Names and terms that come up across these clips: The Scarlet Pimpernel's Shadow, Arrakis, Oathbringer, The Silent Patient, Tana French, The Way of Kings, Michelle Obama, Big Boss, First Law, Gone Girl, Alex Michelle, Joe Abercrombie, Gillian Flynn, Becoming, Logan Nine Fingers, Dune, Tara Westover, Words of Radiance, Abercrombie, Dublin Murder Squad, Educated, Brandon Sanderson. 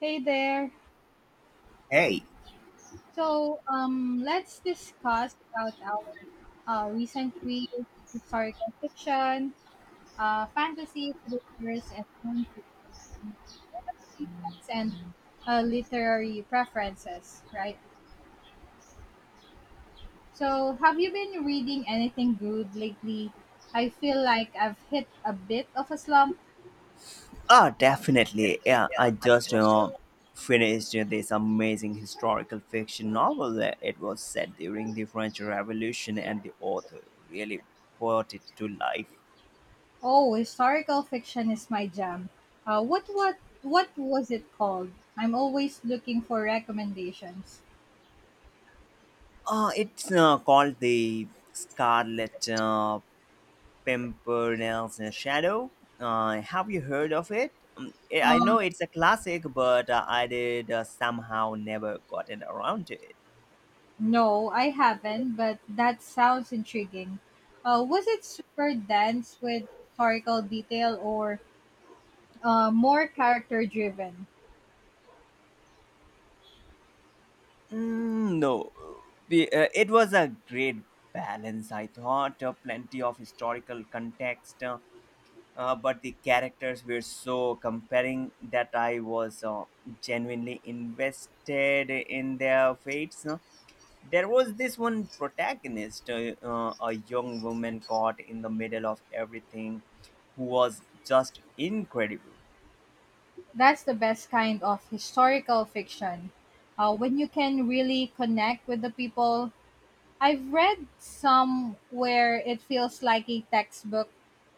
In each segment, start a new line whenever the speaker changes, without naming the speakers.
Hey there.
Hey,
So let's discuss about our recent reads, historical fiction, fantasy, thrillers, and non-fiction recommendations and literary preferences, right? So have you been reading anything good lately? I feel like I've hit a bit of a slump.
ah, definitely. Yeah, I just finished this amazing historical fiction novel. It was set during the French Revolution, and the author really brought it to life.
Oh, historical fiction is my jam. What was it called? I'm always looking for recommendations.
It's called The Scarlet Pimpernel's Shadow. Have you heard of it? I know
Um,
it's a classic, but I did somehow never gotten around to it.
no, I haven't, but that sounds intriguing. Was it super dense with historical detail or more character driven?
No, it was a great balance. I thought plenty of historical context, but the characters were so compelling that I was genuinely invested in their fates. There was this one protagonist, a young woman caught in the middle of everything, who was just incredible.
That's the best kind of historical fiction. When you can really connect with the people. I've read some where it feels like a textbook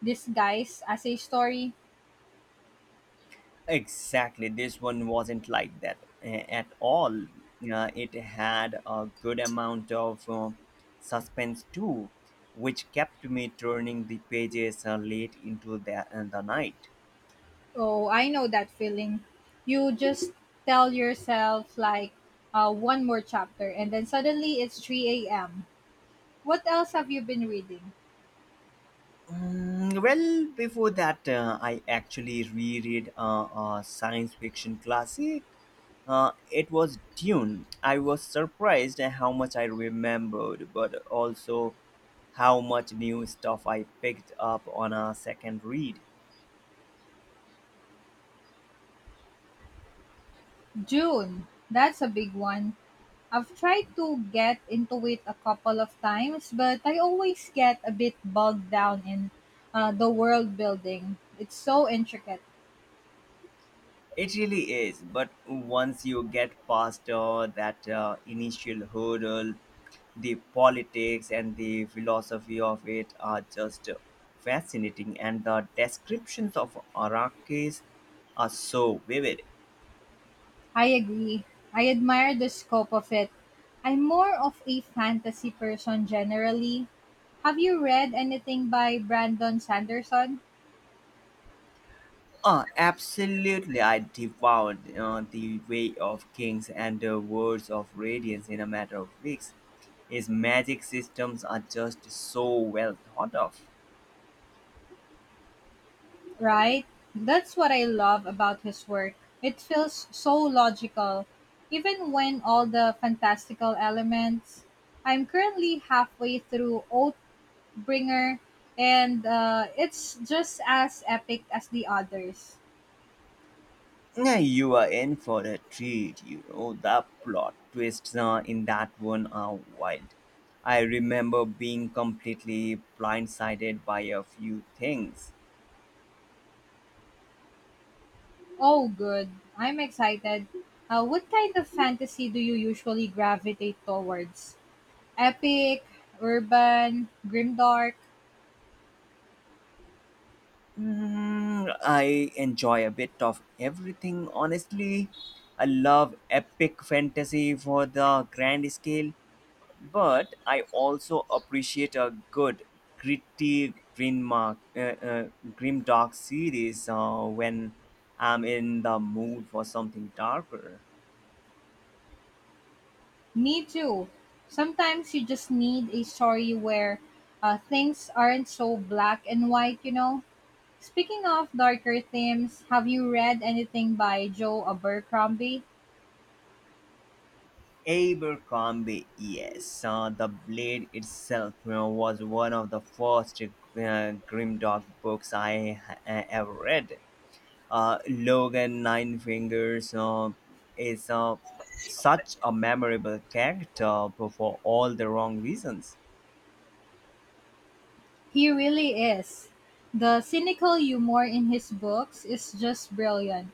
disguised as a story.
Exactly. This one wasn't like at all. It had a good amount of suspense too, which kept me turning the pages late into the night.
Oh, I know that feeling. You just tell yourself, like, one more chapter, and then suddenly it's 3 a.m. What else have you been reading?
Well, before that, I actually reread a science fiction classic. It was Dune. I was surprised at how much I remembered, but also how much new stuff I picked up on a second read.
June. That's a big one. I've tried to get into it a couple of times, but I always get a bit bogged down in the world building. It's so intricate.
It really is, but once you get past that initial hurdle, the politics and the philosophy of it are just fascinating, and the descriptions of Arrakis are so vivid.
I agree. I admire the scope of it. I'm more of a fantasy person generally. Have you read anything by Brandon Sanderson?
Absolutely, I devoured The Way of Kings and the Words of Radiance in a matter of weeks. His magic systems are just so well thought of.
Right? That's what I love about his work. It feels so logical, even when all the fantastical elements. I'm currently halfway through Oathbringer, and it's just as epic as the others.
Yeah, you are in for a treat. You know, the plot twists in that one are wild. I remember being completely blindsided by a few things.
Oh, good. I'm excited. What kind of fantasy do you usually gravitate towards? Epic, urban, grimdark?
I enjoy a bit of everything, honestly. I love epic fantasy for the grand scale, but I also appreciate a good gritty green mark grim dark series when I'm in the mood for something darker.
Me too. Sometimes you just need a story where things aren't so black and white, you know? Speaking of darker themes, have you read anything by Joe Abercrombie?
Abercrombie, yes, the blade itself, you know, was one of the first grim dark books I ever read. Logan Nine Fingers is such a memorable character for all the wrong reasons.
He really is. The cynical humor in his books is just brilliant.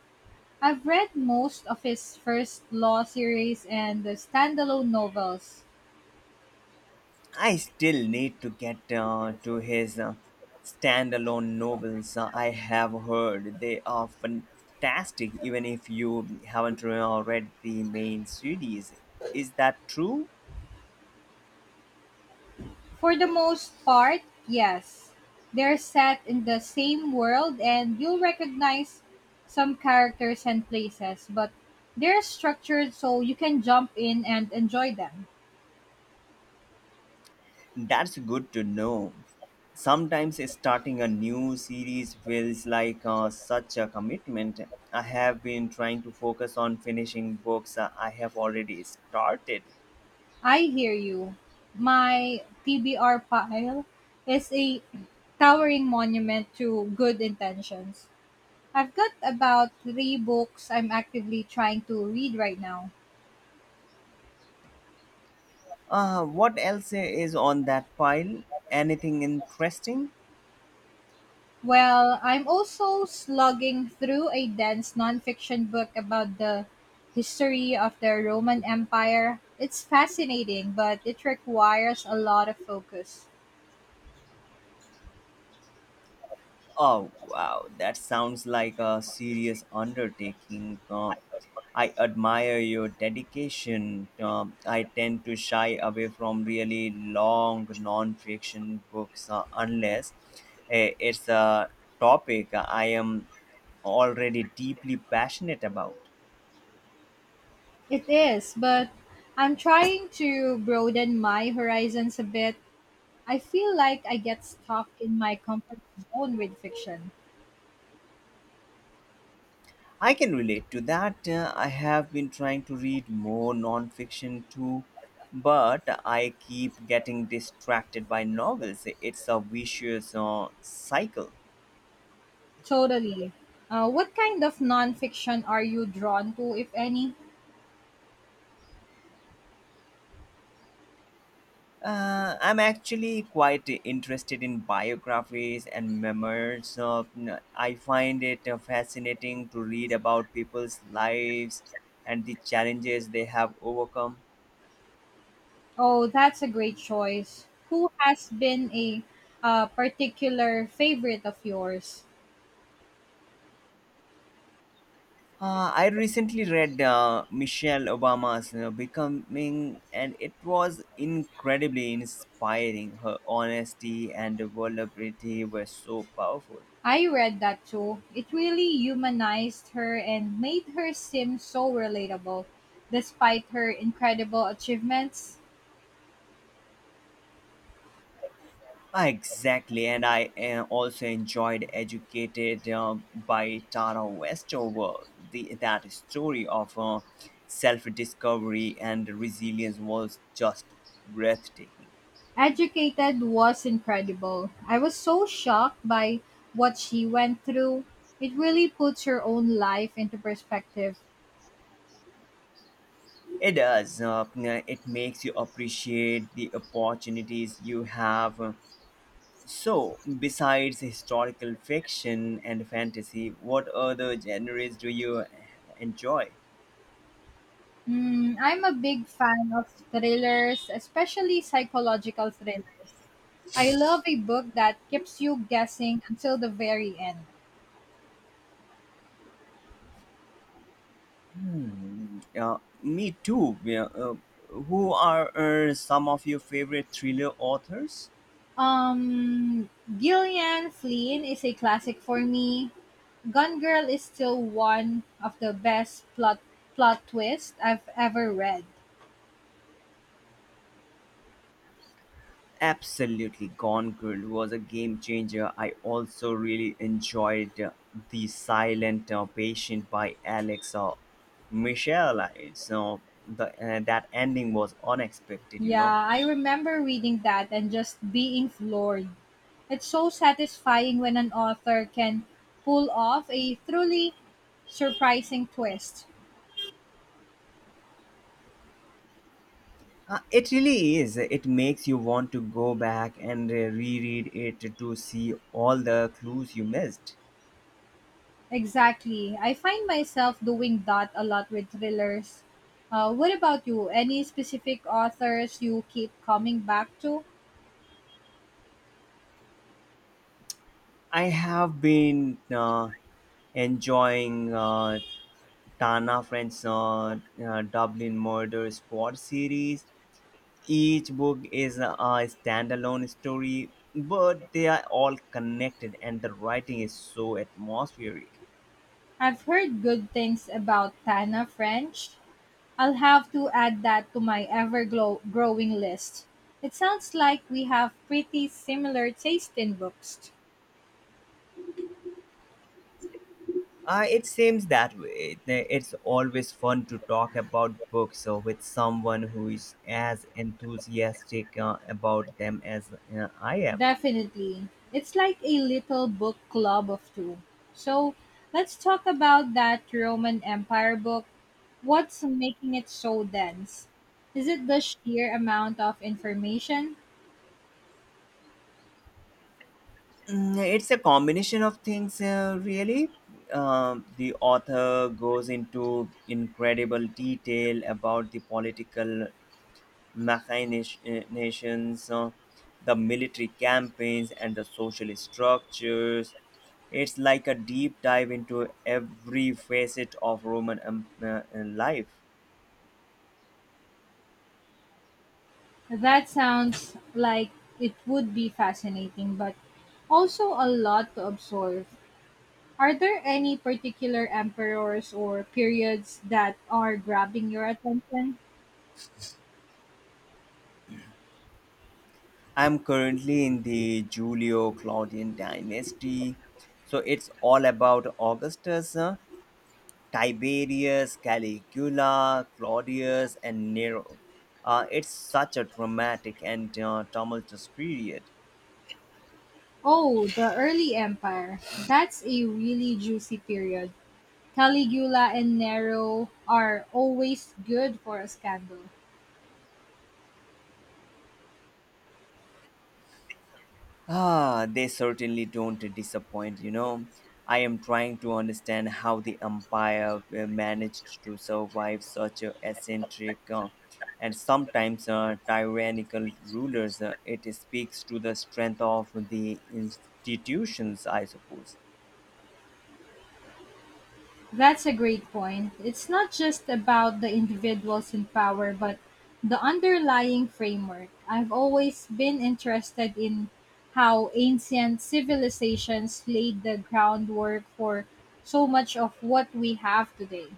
I've read most of his First Law series and the standalone novels.
I still need to get to his standalone novels. I have heard they are fantastic, even if you haven't read the main series. Is that true?
For the most part, yes. They're set in the same world and you'll recognize some characters and places, but they're structured so you can jump in and enjoy them.
That's good to know. Sometimes starting a new series feels like such a commitment. I have been trying to focus on finishing books I have already started.
I hear you. My TBR pile is a towering monument to good intentions. I've got about three books I'm actively trying to read right now.
What else is on that pile? Anything interesting?
Well, I'm also slugging through a dense nonfiction book about the history of the Roman Empire. It's fascinating, but it requires a lot of focus.
Oh, wow. That sounds like a serious undertaking. I admire your dedication. I tend to shy away from really long non-fiction books unless it's a topic I am already deeply passionate about.
It is, but I'm trying to broaden my horizons a bit. I feel like I get stuck in my comfort zone with fiction.
I can relate to that. I have been trying to read more nonfiction too, but I keep getting distracted by novels. It's a vicious cycle.
Totally. What kind of nonfiction are you drawn to, if any?
I'm actually quite interested in biographies and memoirs. I find it fascinating to read about people's lives and the challenges they have overcome.
Oh, that's a great choice. Who has been a particular favorite of yours?
I recently read Michelle Obama's, you know, Becoming, and it was incredibly inspiring. Her honesty and vulnerability were so powerful.
I read that too. It really humanized her and made her seem so relatable, despite her incredible achievements.
Ah, exactly, and I also enjoyed Educated by Tara Westover. That story of self discovery and resilience was just breathtaking.
Educated was incredible. I was so shocked by what she went through. It really puts her own life into perspective.
It does. It makes you appreciate the opportunities you have. So, besides historical fiction and fantasy, what other genres do you enjoy?
Hmm, I'm a big fan of thrillers, especially psychological thrillers. I love a book that keeps you guessing until the very end.
Me too. Yeah, who are some of your favorite thriller authors?
Um, Gillian Flynn is a classic for me. Gone Girl is still one of the best plot twists I've ever read.
Absolutely, Gone Girl was a game changer. I also really enjoyed The Silent Patient by Alex Michelle. So that ending was unexpected, you know.
Yeah, I remember reading that and just being floored. It's so satisfying when an author can pull off a truly surprising twist.
It really is. It makes you want to go back and reread it to see all the clues you missed.
Exactly. I find myself doing that a lot with thrillers. What about you? Any specific authors you keep coming back to?
I have been enjoying Tana French's Dublin Murder Squad series. Each book is a standalone story, but they are all connected, and the writing is so atmospheric.
I've heard good things about Tana French. I'll have to add that to my growing list. It sounds like we have pretty similar taste in books.
It seems that way. It's always fun to talk about books with someone who is as enthusiastic about them as I am.
Definitely. It's like a little book club of two. So let's talk about that Roman Empire book. What's making it so dense? Is it the sheer amount of information?
It's a combination of things, really. The author goes into incredible detail about the political machinations, the military campaigns, and the social structures. It's like a deep dive into every facet of Roman life.
That sounds like it would be fascinating, but also a lot to absorb. Are there any particular emperors or periods that are grabbing your attention?
I'm currently in the Julio Claudian dynasty. So it's all about Augustus, Tiberius, Caligula, Claudius, and Nero. It's such a dramatic and tumultuous period.
Oh, the early empire. That's a really juicy period. Caligula and Nero are always good for a scandal.
Ah, they certainly don't disappoint, you know. I am trying to understand how the empire managed to survive such a eccentric and sometimes tyrannical rulers. It speaks to the strength of the institutions, I suppose.
That's a great point. It's not just about the individuals in power, but the underlying framework. I've always been interested in how ancient civilizations laid the groundwork for so much of what we have today.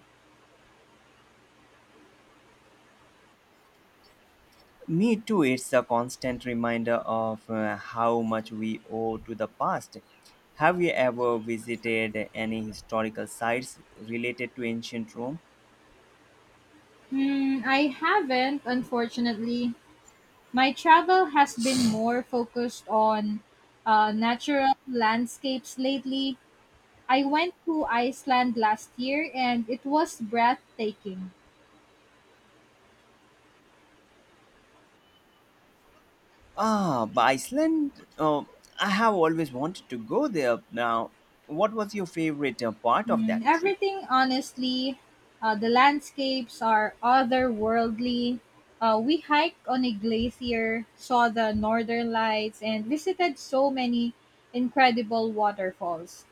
Me too, it's a constant reminder of how much we owe to the past. Have you ever visited any historical sites related to ancient Rome?
Hmm, I haven't, unfortunately. My travel has been more focused on natural landscapes lately. I went to Iceland last year and it was breathtaking.
Ah, but Iceland. I have always wanted to go there. Now, what was your favorite part of
Mm,
that trip?
everything, honestly. The landscapes are otherworldly. We hiked on a glacier, saw the northern lights, and visited so many incredible waterfalls.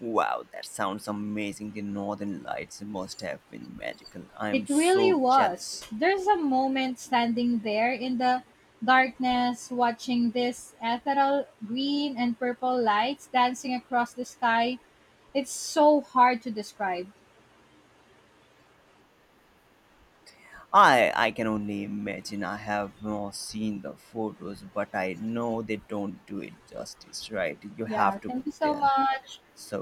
Wow, that sounds amazing. The northern lights must have been magical. I am
It really
so
was.
jealous.
There's a moment standing there in the darkness, watching this ethereal green and purple lights dancing across the sky. It's so hard to describe.
I can only imagine. I have not seen the photos, but I know they don't do it justice, right? You
Yeah,
have to be
thank you so
there.
much.
So,